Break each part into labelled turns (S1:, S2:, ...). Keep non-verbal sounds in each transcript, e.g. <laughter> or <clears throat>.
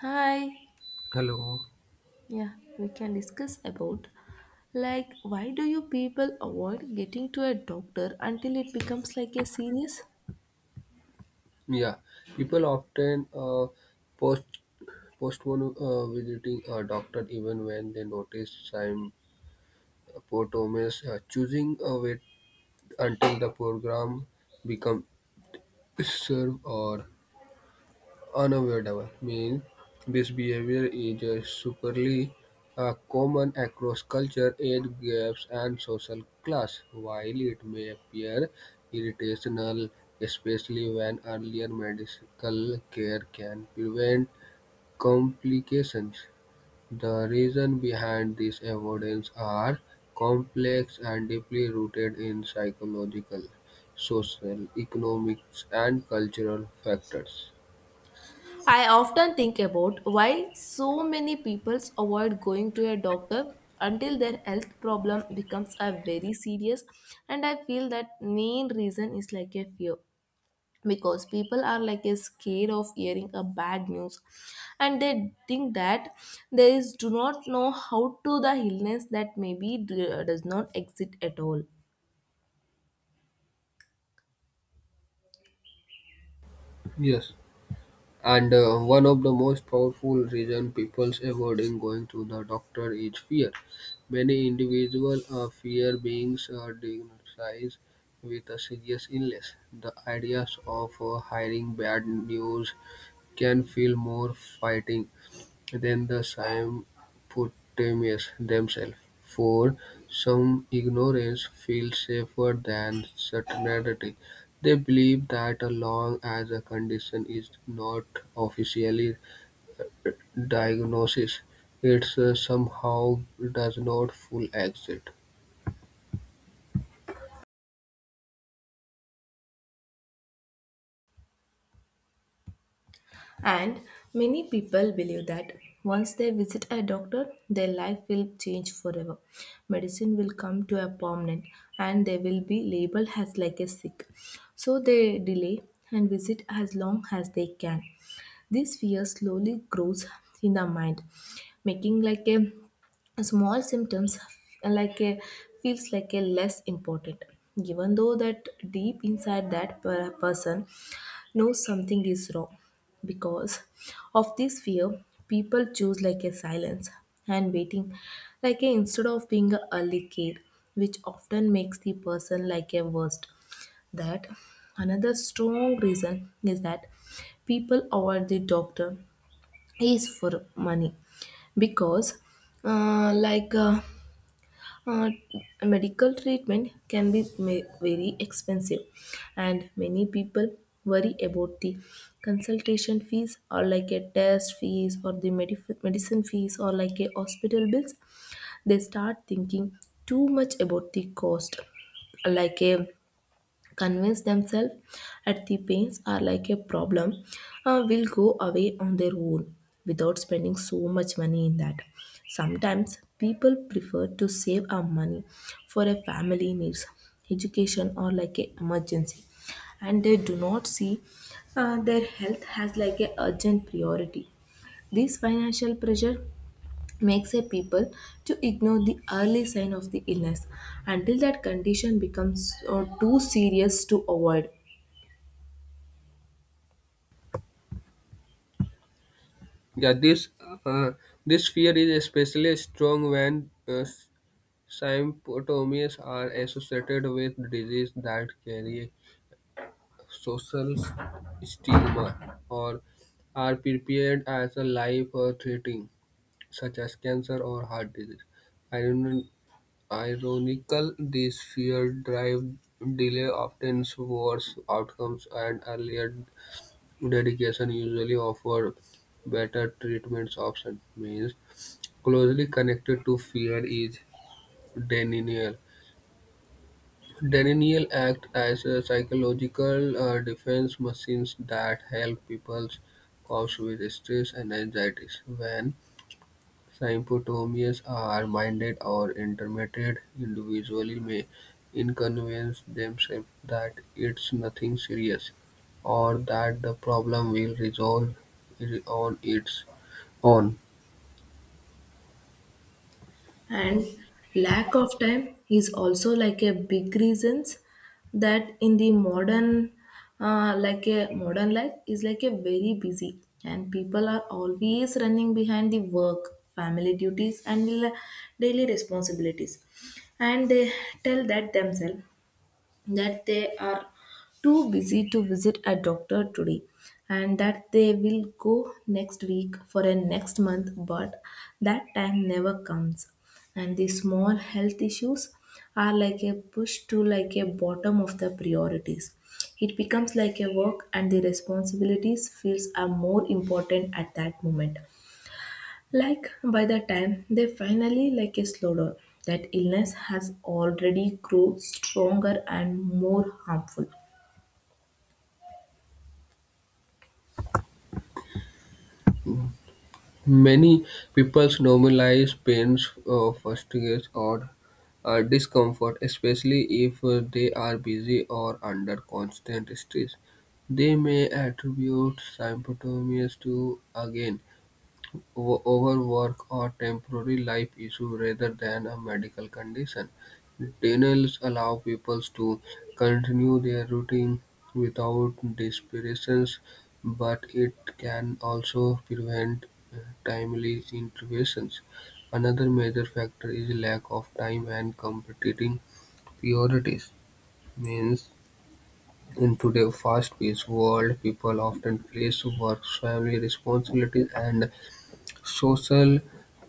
S1: Hi.
S2: Hello.
S1: Yeah, we can discuss about like why do you people avoid getting to a doctor until it becomes like a serious?
S2: Yeah, people often post postpone visiting a doctor even when they notice sign symptoms. Choosing a wait until the program becomes served or unavoidable, means this behavior is superly common across culture, age gaps, and social class. While it may appear irritational, especially when earlier medical care can prevent complications, the reason behind this avoidance are complex and deeply rooted in psychological, social, economics, and cultural factors.
S1: I often think about why so many people avoid going to a doctor until their health problem becomes a very serious, and I feel that main reason is like a fear, because people are like a scared of hearing a bad news and they think that they is do not know how to the illness that maybe does not exist at all.
S2: Yes. And One of the most powerful reasons people's avoiding going to the doctor is fear. Many individuals fear being diagnosed with a serious illness. The ideas of hearing bad news can feel more fighting then the Symphotamians themselves, for some ignorance feels safer than certainty. They believe that as long as a condition is not officially diagnosed, it somehow does not full exit.
S1: And many people believe that once they visit a doctor their life will change forever, medicine will come to a permanent and they will be labeled as like a sick, so they delay and visit as long as they can. This fear slowly grows in the mind, making like a small symptoms like a feels like a less important, even though that deep inside that person knows something is wrong. Because of this fear, people choose like a silence and waiting, like a instead of being a early care, which often makes the person like a worst. That another strong reason is that people avoid the doctor is for money, because uh, like uh, uh, medical treatment can be very expensive, and many people worry about the consultation fees or like a test fees or the medicine fees or like a hospital bills. They start thinking too much about the cost, like a convince themselves that the pains are like a problem, will go away on their own without spending so much money in that. Sometimes people prefer to save our money for a family needs, education or like a emergency, and they do not see their health as like a urgent priority. This financial pressure makes a people to ignore the early sign of the illness until that condition becomes too serious to avoid.
S2: Yeah, uh, this fear is especially strong when symptoms are associated with disease that carry social stigma or are prepared as a life or threatening, such as cancer or heart disease. Iron- Ironical, this fear drive delay often worse outcomes and earlier dedication usually offer better treatments option means closely connected to fear is denial. Denial acts as a psychological defense mechanism that helps people cope with stress and anxieties. When symptoms are mild or intermittent, individuals may inconvince themselves that it's nothing serious or that the problem will resolve on its own.
S1: And lack of time is also like a big reasons. That in the modern like a modern life is like a very busy, and people are always running behind the work, family duties and daily responsibilities, and they tell that themselves that they are too busy to visit a doctor today, and that they will go next week for a next month, but that time never comes, and the small health issues are like a push to like a bottom of the priorities. It becomes like a work, and the responsibilities feels are more important at that moment, like by the time they finally like a slow down, that illness has already grown stronger and more harmful.
S2: Many people normalize pains fatigue, or discomfort, especially if they are busy or under constant stress. They may attribute symptoms to, again, overwork or temporary life issue rather than a medical condition. Denials allow people to continue their routine without desperation, but it can also prevent uh, timely interventions. Another major factor is lack of time and competing priorities. Means in today's fast-paced world, people often place work, family responsibilities, and social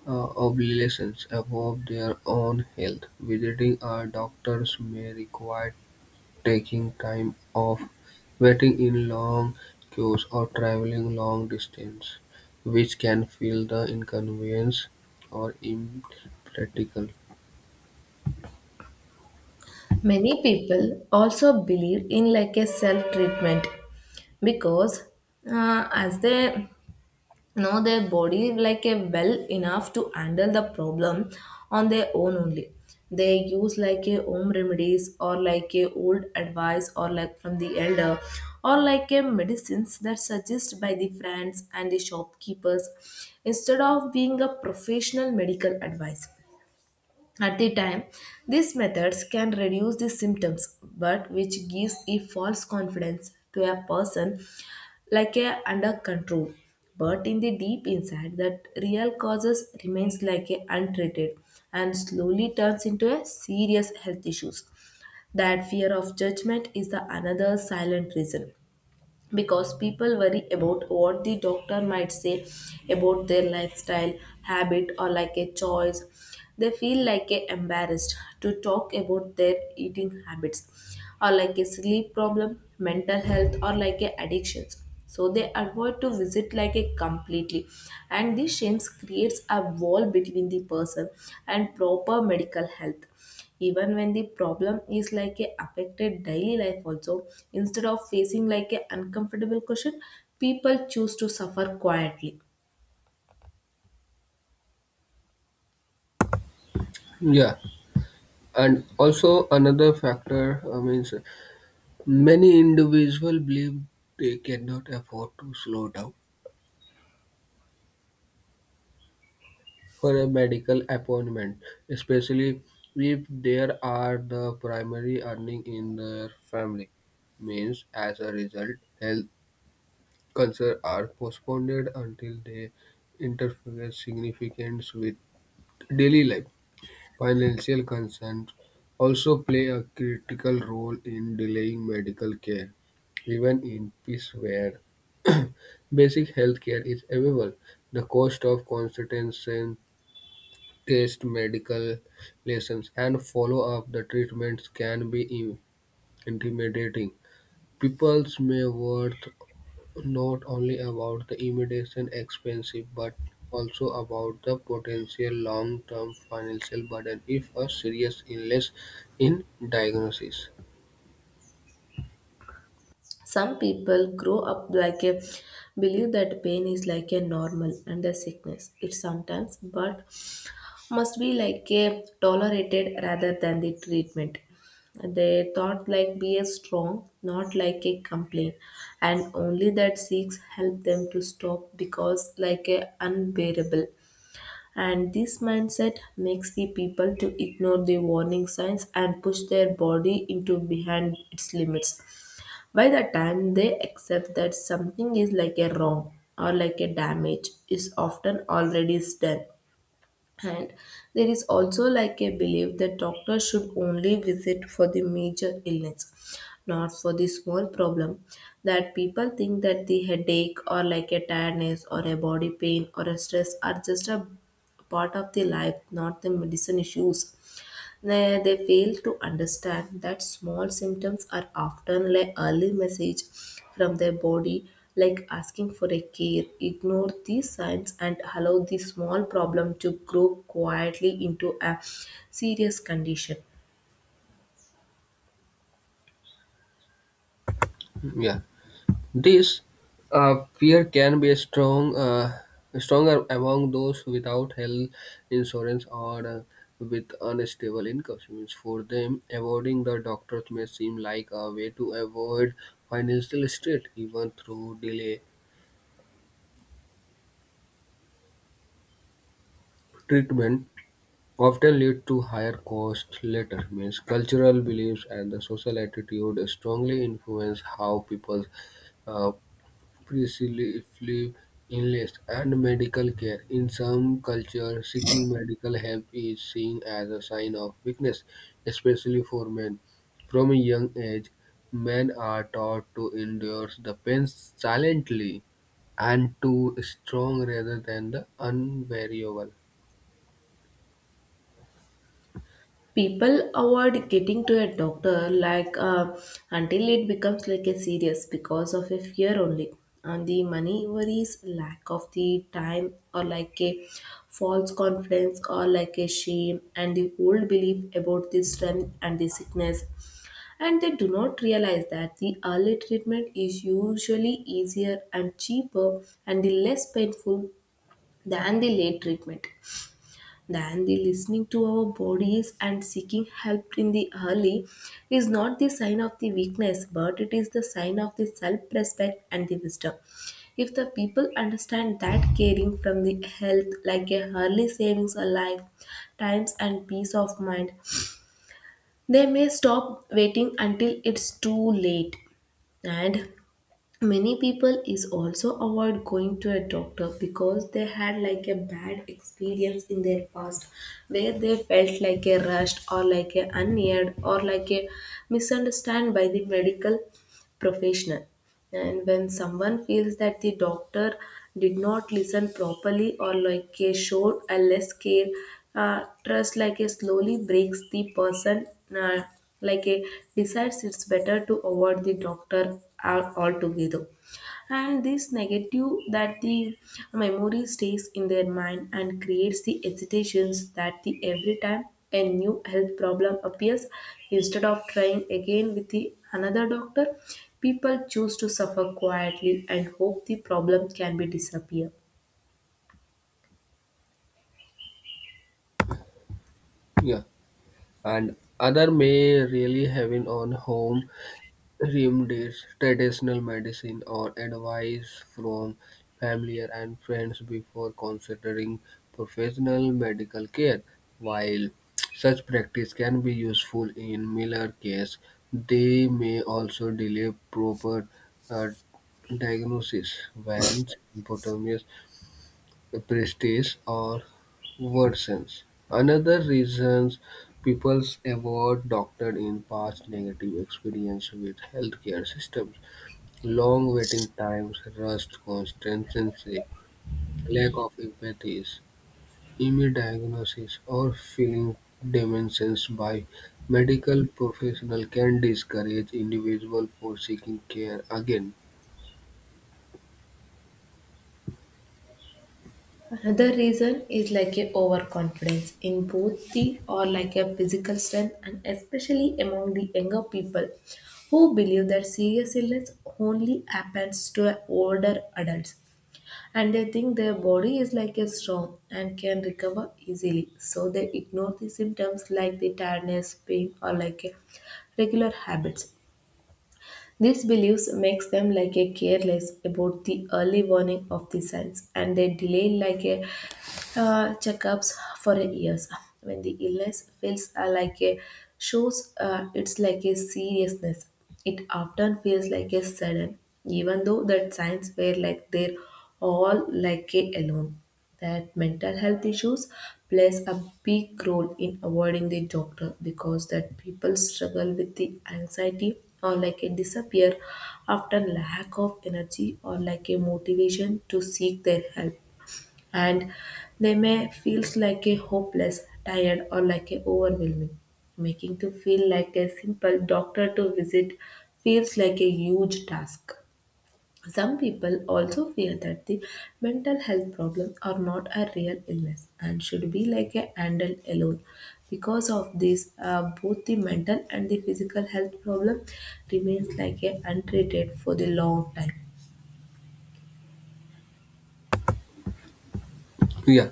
S2: obligations above their own health. Visiting a doctor's may require taking time off, waiting in long queues, or traveling long distance, which can feel the inconvenience or impractical.
S1: Many people also believe in like a self treatment, because as they know their body like a well enough to handle the problem on their own only, they use like a home remedies or like a old advice or like from the elder or like a medicines that suggest by the friends and the shopkeepers, instead of being a professional medical advice. At the time, these methods can reduce the symptoms, but which gives a false confidence to a person like a under control. But in the deep inside, that real causes remains like a untreated and slowly turns into a serious health issues. That fear of judgment is the another silent reason, because people worry about what the doctor might say about their lifestyle, habit or like a choice. They feel like a embarrassed to talk about their eating habits or like a sleep problem, mental health or like a addictions, so they avoid to visit like a completely, and this shame creates a wall between the person and proper medical health, even when the problem is like a affected daily life also. Instead of facing like a uncomfortable question, people choose to suffer quietly.
S2: Yeah, and also another factor means many individuals believe they cannot afford to slow down for a medical appointment, especially if there are the primary earning in their family. Means as a result, health concerns are postponed until they interfere significance with daily life. Financial concerns also play a critical role in delaying medical care, even in peace where <clears throat> basic health care is available. The cost of consultation test medical lessons, and follow up the treatments can be intimidating. People's may worth not only about the immediate expense but also about the potential long-term financial burden if a serious illness in diagnosis.
S1: Some people grow up like a believe that pain is like a normal and a sickness it sometimes, but must be like a tolerated rather than the treatment. They thought like be a strong, not like a complaint, and only that seeks help them to stop because like a unbearable. And this mindset makes the people to ignore the warning signs and push their body into behind its limits. By the time they accept that something is like a wrong or like a damage is often already done. And there is also like a belief that doctors should only visit for the major illness, not for the small problem. That people think that the headache or like a tiredness or a body pain or a stress are just a part of the life, not the medicine issues. They fail to understand that small symptoms are often like early message from their body, like asking for a care. Ignore these signs and allow the small problem to grow quietly into a serious condition.
S2: Hmm. Yeah. This fear can be stronger among those without health insurance or with unstable incomes. Means for them, avoiding the doctors may seem like a way to avoid financial strain, even through delay treatment. Often lead to higher costs later. Means cultural beliefs and the social attitude strongly influence how people uh, precisely illness and medical care. In some cultures, seeking medical help is seen as a sign of weakness, especially for men. From a young age, men are taught to endure the pain silently and to strong rather than the unbearable.
S1: People avoid getting to a doctor like until it becomes like a serious because of a fear only, and the money worries, lack of the time or like a false confidence or like a shame and the old belief about the strength and the sickness. And they do not realize that the early treatment is usually easier and cheaper and the less painful than the late treatment. Then the listening to our bodies and seeking help in the early is not the sign of the weakness, but it is the sign of the self-respect and the wisdom. If the people understand that caring from the health like a early savings a life, times and peace of mind, they may stop waiting until it's too late. And many people is also avoid going to a doctor because they had like a bad experience in their past, where they felt like a rushed or like a unheard or like a misunderstood by the medical professional. And when someone feels that the doctor did not listen properly or like a showed a less care, trust like a slowly breaks the person, uh, like a decides it's better to avoid the doctor altogether. And this negative, that the memory stays in their mind and creates the hesitations that the every time a new health problem appears, instead of trying again with the another doctor, people choose to suffer quietly and hope the problem can be disappear.
S2: Yeah, and other may really having on home remedies, traditional medicine, or advice from familiar and friends before considering professional medical care. While such practice can be useful in Miller case, they may also delay proper uh, diagnosis when symptoms prestige or worsens. Another reasons people avoid doctor in past negative experience with healthcare systems, long waiting times, rust constancy, lack of empathy, immunodiagnosis, or feeling dimensions by medical professional can discourage individual for seeking care again.
S1: Another reason is like a overconfidence in both the or like a physical strength, and especially among the younger people who believe that serious illness only happens to older adults, and they think their body is like a strong and can recover easily, so they ignore the symptoms like the tiredness, pain or like a regular habits. These beliefs makes them like a careless about the early warning of the signs, and they delay like a checkups for a years. When the illness feels like a shows, it's like a seriousness. It often feels like a sudden, even though that signs were like they're all like a alone. That mental health issues plays a big role in avoiding the doctor, because that people struggle with the anxiety or like a disappear, often lack of energy or like a motivation to seek their help. And they may feels like a hopeless, tired or like a overwhelming, making to feel like a simple doctor to visit feels like a huge task. Some people also fear that the mental health problems are not a real illness and should be like a handled alone. Because of this both the mental and the physical health problem remains like a untreated for the long time.
S2: Yeah.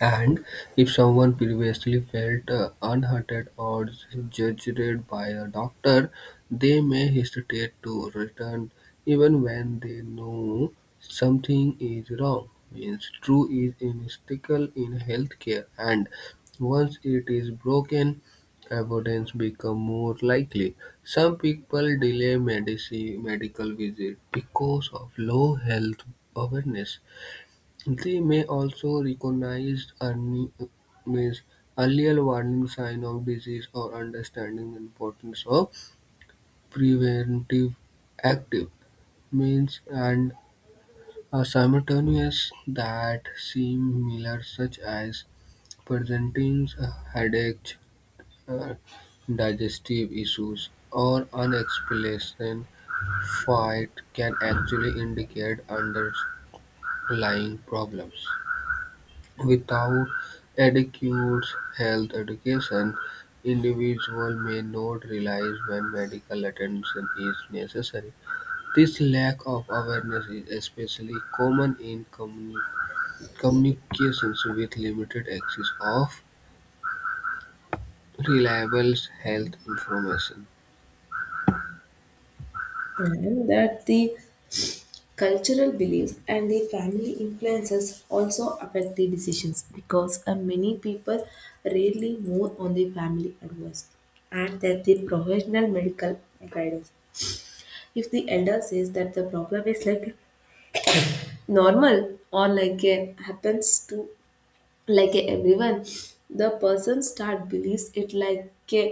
S2: And if someone previously felt unwanted or judged by a doctor, they may hesitate to return even when they know something is wrong. Means true is inevitable in healthcare, and once it is broken, avoidance become more likely. Some people delay medical visit because of low health awareness. They may also recognize early, means earlier warning signs of disease or understanding the importance of preventive active means and are simultaneous that seem similar such as presenting headaches, uh, digestive issues, or unexplained fight can actually indicate underlying problems. Without adequate health education, individuals may not realize when medical attention is necessary. This lack of awareness is especially common in communications with limited access of reliable health information.
S1: And that the cultural beliefs and the family influences also affect the decisions, because many people rarely move on the family advice and that the professional medical guidance. If the elder says that the problem is like normal or like a happens to like a everyone, the person start believes it like a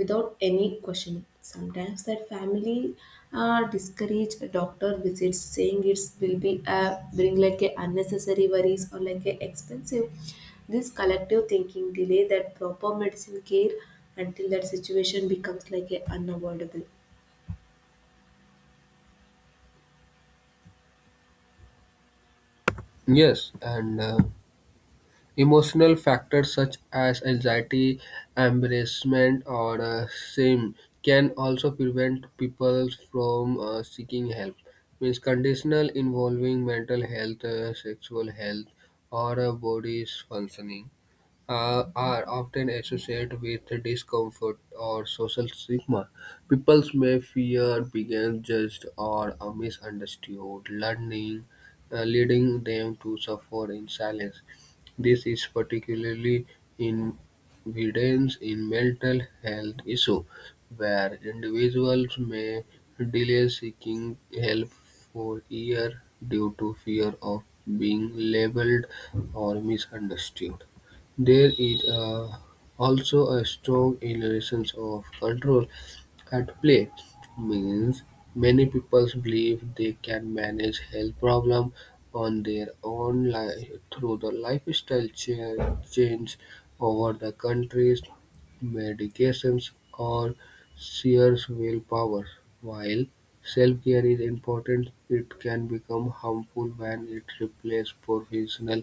S1: without any questioning. Sometimes that family discourage a doctor visits, saying it will be bring like a unnecessary worries or like a expensive. This collective thinking delay that proper medicine care until that situation becomes like a unavoidable.
S2: Yes, and emotional factors such as anxiety, embarrassment, or shame can also prevent people from seeking help. Means conditional involving mental health, sexual health, or body's functioning are often associated with discomfort or social stigma. People may fear being judged or are misunderstood, learning, leading them to suffer in silence. This is particularly in evidence in mental health issues, where individuals may delay seeking help for years due to fear of being labeled or misunderstood. There is also a strong illusions of control at play, means many people believe they can manage health problem on their own through the lifestyle change over the countries, medications or sheer willpower. While self-care is important, it can become harmful when it replaces professional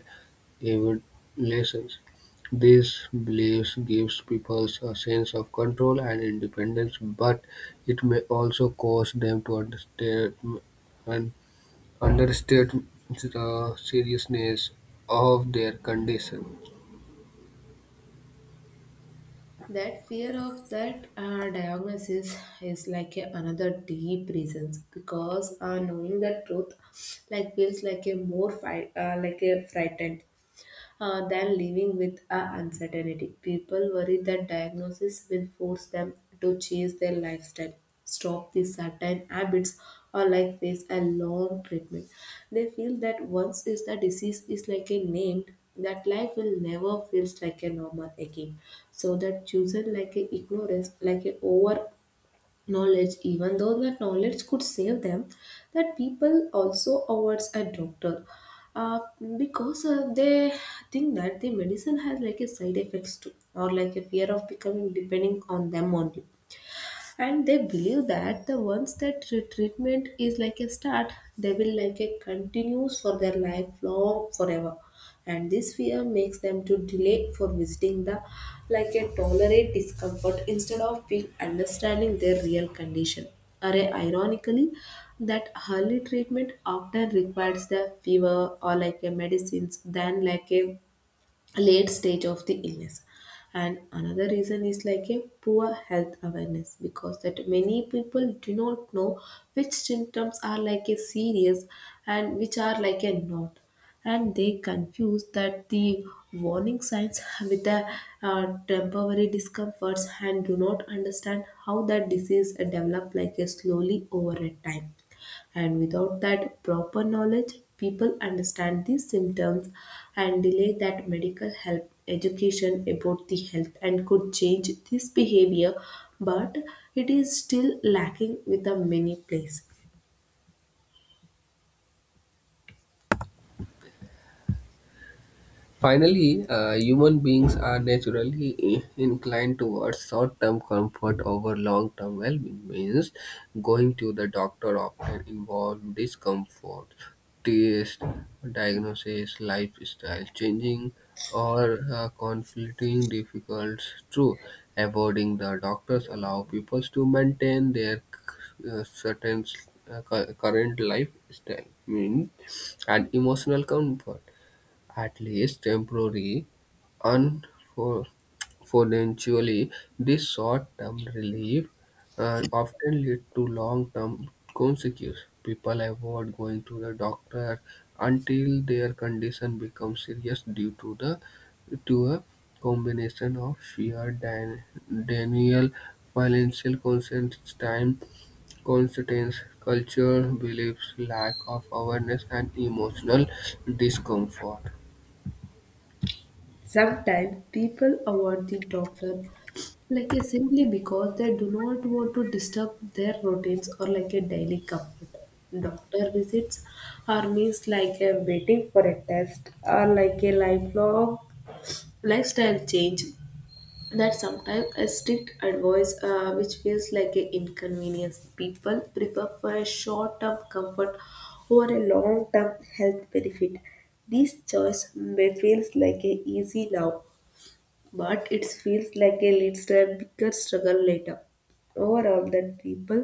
S2: Evanescence. This belief gives people a sense of control and independence, but it may also cause them to understand and underestimate the seriousness of their condition.
S1: That fear of that diagnosis is like a another deep reasons, because knowing the truth like feels like a more fight like a frightened than living with a uncertainty. People worry that diagnosis will force them to change their lifestyle, stop the certain habits, or like face a long treatment. They feel that once is the disease is like a named, that life will never feels like a normal again. So that chosen like a ignorance, like a over knowledge, even though that knowledge could save them, that people also awards a doctor uh, because they think that the medicine has like a side effects too, or like a fear of becoming depending on them only and they believe that the once that treatment is like a start they will like a continues for their life long forever and this fear makes them to delay for visiting the like a tolerate discomfort instead of being understanding their real condition. Array, ironically, that early treatment often requires the fever or like a medicines than like a late stage of the illness and another reason is like a poor health awareness because that many people do not know which symptoms are like a serious and which are like a not and they confuse that the warning signs with the temporary discomforts and do not understand how that disease develop like a slowly over a time and without that proper knowledge, people understand these symptoms and delay that medical help. Education about the health and could change this behavior, but it is still lacking with a many place.
S2: Finally, human beings are naturally inclined towards short-term comfort over long-term well-being. Means going to the doctor often involves discomfort, taste, diagnosis, lifestyle changing, or conflicting difficulties. True, avoiding the doctors allow people to maintain their uh, certain current lifestyle means and emotional comfort at least temporarily. Unfortunately, this short-term relief often leads to long-term consequences. People avoid going to the doctor until their condition becomes serious due to the to a combination of fear, denial, financial constraints, time constraints, culture, beliefs, lack of awareness, and emotional discomfort.
S1: Sometimes people avoid the doctor like a simply because they do not want to disturb their routines or like a daily comfort. Doctor visits are means like a waiting for a test or like a lifelong lifestyle change that sometimes a strict advice which feels like an inconvenience people prefer for a short-term comfort over a long-term health benefit. This choice may feels like a easy now but it feels like a leads to a bigger struggle later. Overall that people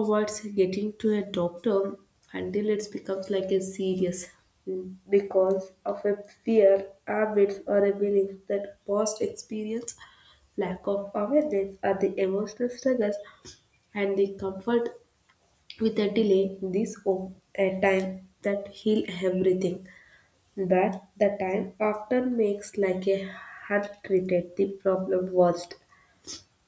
S1: avoids getting to a doctor until it becomes like a serious because of a fear, habits, or a belief that past experience, lack of awareness, or the emotional struggles and the comfort with a delay. This hope, a time that heal everything, but the time often makes like a hard treated the problem worst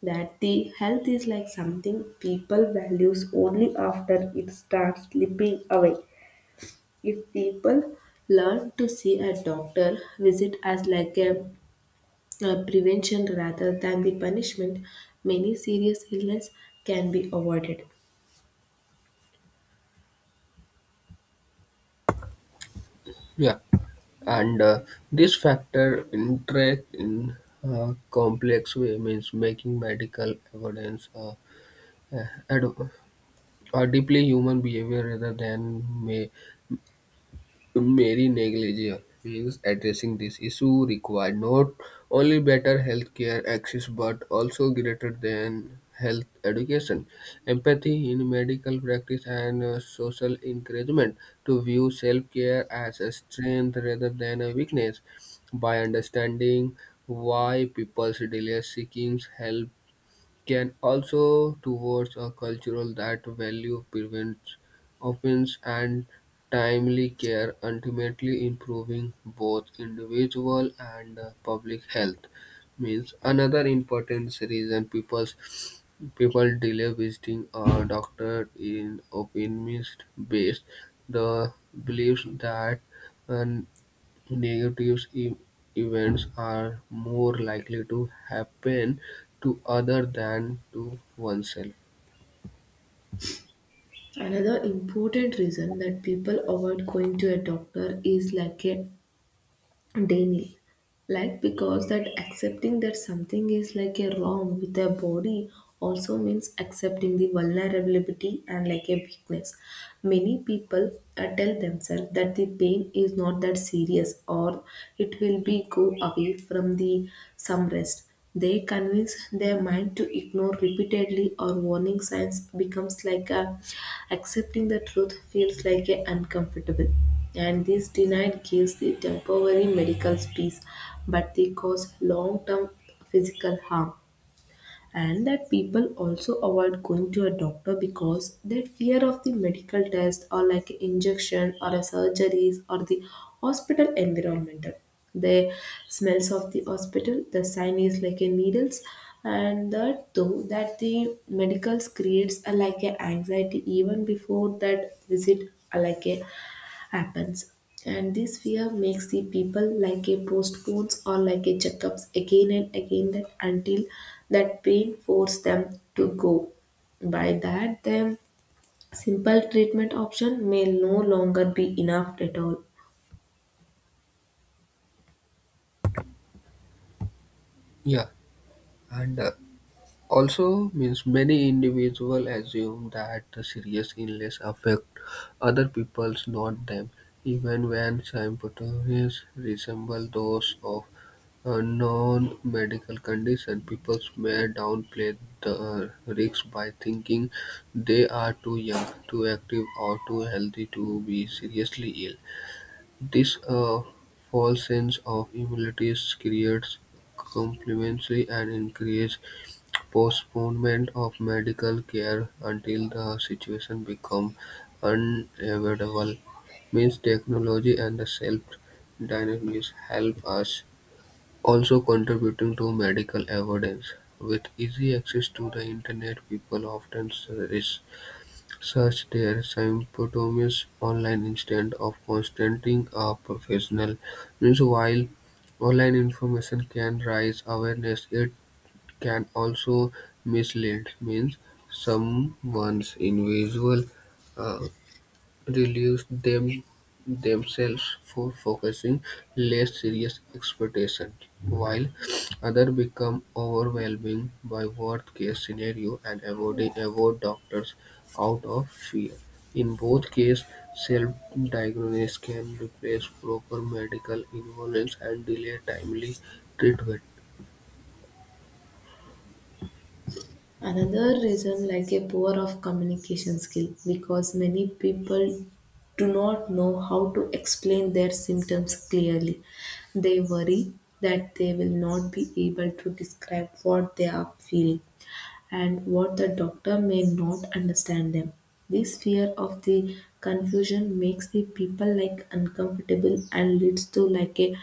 S1: that the health is like something people values only after it starts slipping away. If people learn to see a doctor visit as like a prevention rather than the punishment, many serious illness can be avoided.
S2: Yeah, and this factor interact in a complex way means making medical evidence uh, ad- a deeply human behavior rather than may Mary negligence means addressing this issue required not only better healthcare access but also greater than health education, empathy in medical practice, and social encouragement to view self-care as a strength rather than a weakness. By understanding why people delay seeking help can also towards a cultural that value prevents offense and timely care ultimately improving both individual and public health means another important reason people delay visiting a doctor in opinionist based the belief that an negative events are more likely to happen to other than to oneself.
S1: Another important reason that people avoid going to a doctor is like a daily like because that accepting that something is like a wrong with their body also means accepting the vulnerability and like a weakness. Many people tell themselves that the pain is not that serious or it will be go away from the some rest. They convince their mind to ignore repeatedly or warning signs becomes like a accepting the truth feels like a uncomfortable. And this denied gives the temporary medical peace, but they cause long-term physical harm and that people also avoid going to a doctor because they fear of the medical test or like injection or a surgeries or the hospital environment, the smells of the hospital, the sign is like a needles and that though that the medicals creates a like a anxiety even before that visit like a happens. And this fear makes the people like a postpones or like a checkups again and again that until that pain force them to go. By that, the simple treatment option may no longer be enough at all.
S2: Yeah, and also means many individuals assume that the serious illness affect other people's, not them, even when symptoms resemble those of a non-medical condition. People may downplay the risks by thinking they are too young, too active, or too healthy to be seriously ill. This false sense of immunity creates complacency and encourages postponement of medical care until the situation becomes unavoidable. Means technology and the self-diagnosis help us also contributing to medical evidence. With easy access to the internet, people often search their symptoms online instead of consulting a professional. Means while online information can raise awareness, it can also mislead. Means someone's invisible uh, release themselves for focusing less serious expectations, while others become overwhelmed by worst-case scenario and avoid doctors out of fear. In both cases, self-diagnosis can replace proper medical involvement and delay timely treatment.
S1: Another reason like a poor of communication skill because many people do not know how to explain their symptoms clearly. They worry that they will not be able to describe what they are feeling and what the doctor may not understand them. This fear of the confusion makes the people like uncomfortable and leads to like a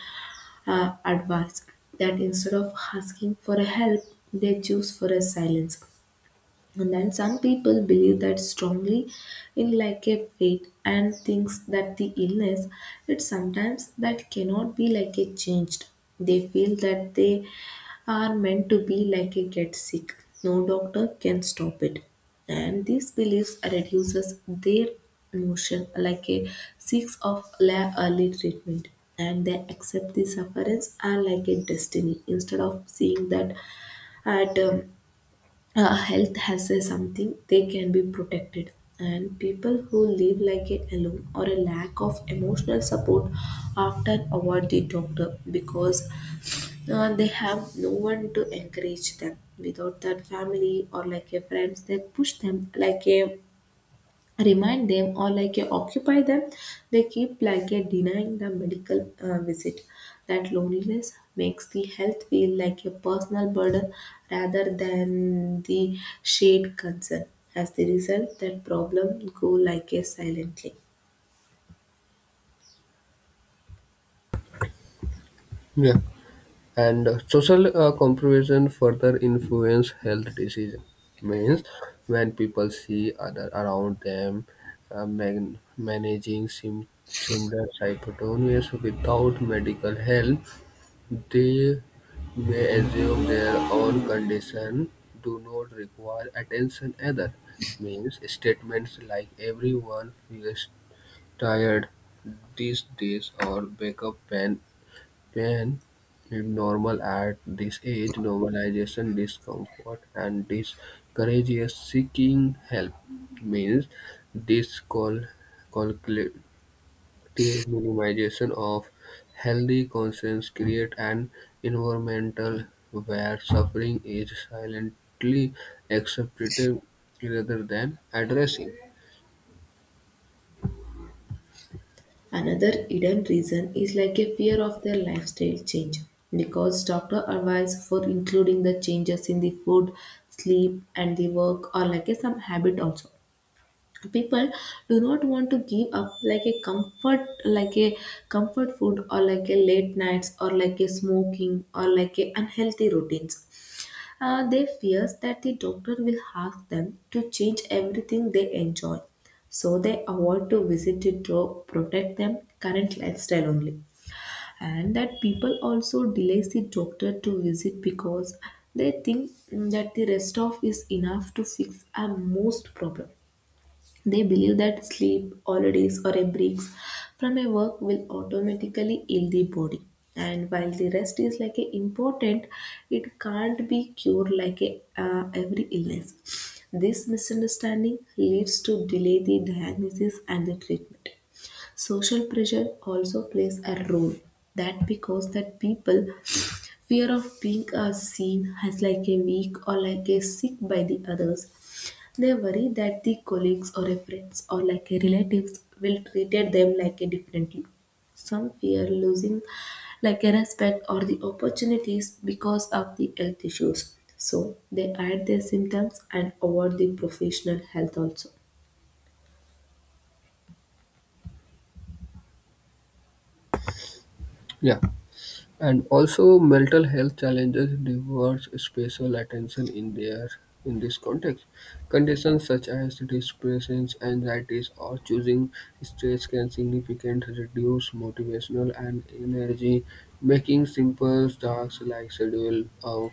S1: advice that instead of asking for a help they choose for a silence and then some people believe that strongly in like a fate and thinks that the illness it sometimes that cannot be like a changed. They feel that they are meant to be like a get sick. No doctor can stop it. And these beliefs reduces their emotion like a seeks of early treatment and they accept the sufferance are like a destiny instead of seeing that at health has a something they can be protected and people who live like a alone or a lack of emotional support often avoid the doctor because they have no one to encourage them without that family or like a friends they push them like a remind them or like occupy them they keep like denying the medical visit that loneliness makes the health feel like a personal burden rather than the shared concern as the result that problem go like a silently.
S2: Yeah, and social comparison further influence health decision means when people see other around them managing similar hypertonias without medical help they may assume their own condition do not require attention either means statements like everyone feels tired these days or "backup pain can normal at this age," normalization discomfort and discourages seeking help means discollective minimization of healthy conscience create an environmental where suffering is silently accepted rather than addressing.
S1: Another hidden reason is like a fear of their lifestyle change because doctor advice for including the changes in the food, sleep and the work or like a some habit also people do not want to give up like a comfort, like a comfort food or like a late nights or like a smoking or like a unhealthy routines. They fears that the doctor will ask them to change everything they enjoy so they avoid to visit it to protect them current lifestyle only. And that people also delays the doctor to visit because they think that the rest of is enough to fix a most problem. They believe that sleep, holidays, or a break from a work will automatically heal the body. And while the rest is like a important, it can't be cured like a, every illness. This misunderstanding leads to delay the diagnosis and the treatment. Social pressure also plays a role. That because that people fear of being seen as like a weak or like a sick by the others they worry that the colleagues or a friends or like a relatives will treat them like a differently. Some fear losing like a respect or the opportunities because of the health issues. So they hide their symptoms and avoid the professional health also.
S2: Yeah. And also mental health challenges deserve special attention in their in this context. Conditions such as depression, anxieties, or choosing stress can significantly reduce motivational and energy, making simple tasks like schedule a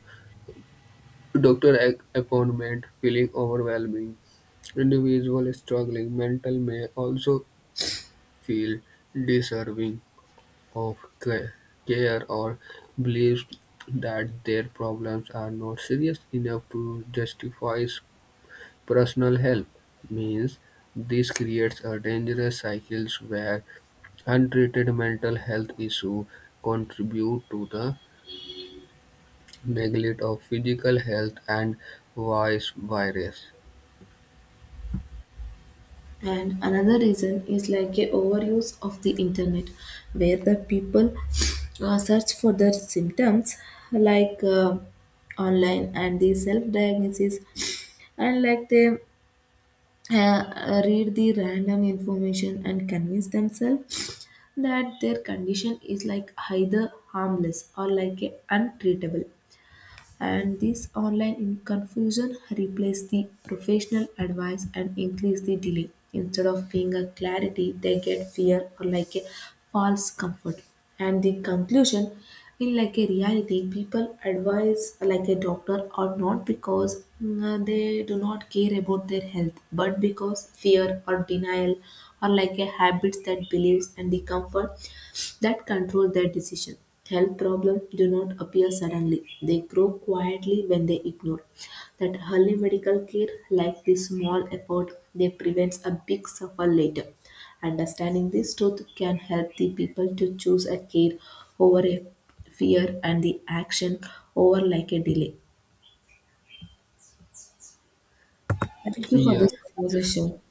S2: doctor appointment feeling overwhelming. Individuals struggling mental may also feel deserving of care or believes that their problems are not serious enough to justify personal help means this creates a dangerous cycle where untreated mental health issues contribute to the neglect of physical health and vice versa.
S1: And another reason is like a overuse of the internet, where the people search for their symptoms like online and the self diagnosis, and like they read the random information and convince themselves that their condition is like either harmless or like a untreatable and this online in confusion replaced the professional advice and increased the delay instead of being a clarity they get fear or like a false comfort. And the conclusion, in like a reality people advise like a doctor or not because they do not care about their health but because fear or denial or like a habits that believes and the comfort that control their decision. Health problems do not appear suddenly, they grow quietly when they ignore. That early medical care, like this small effort, they prevents a big suffer later. Understanding this truth can help the people to choose a care over a fear and the action over like a delay. Thank you for
S2: Yeah,
S1: this conversation.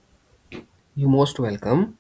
S2: you're most welcome.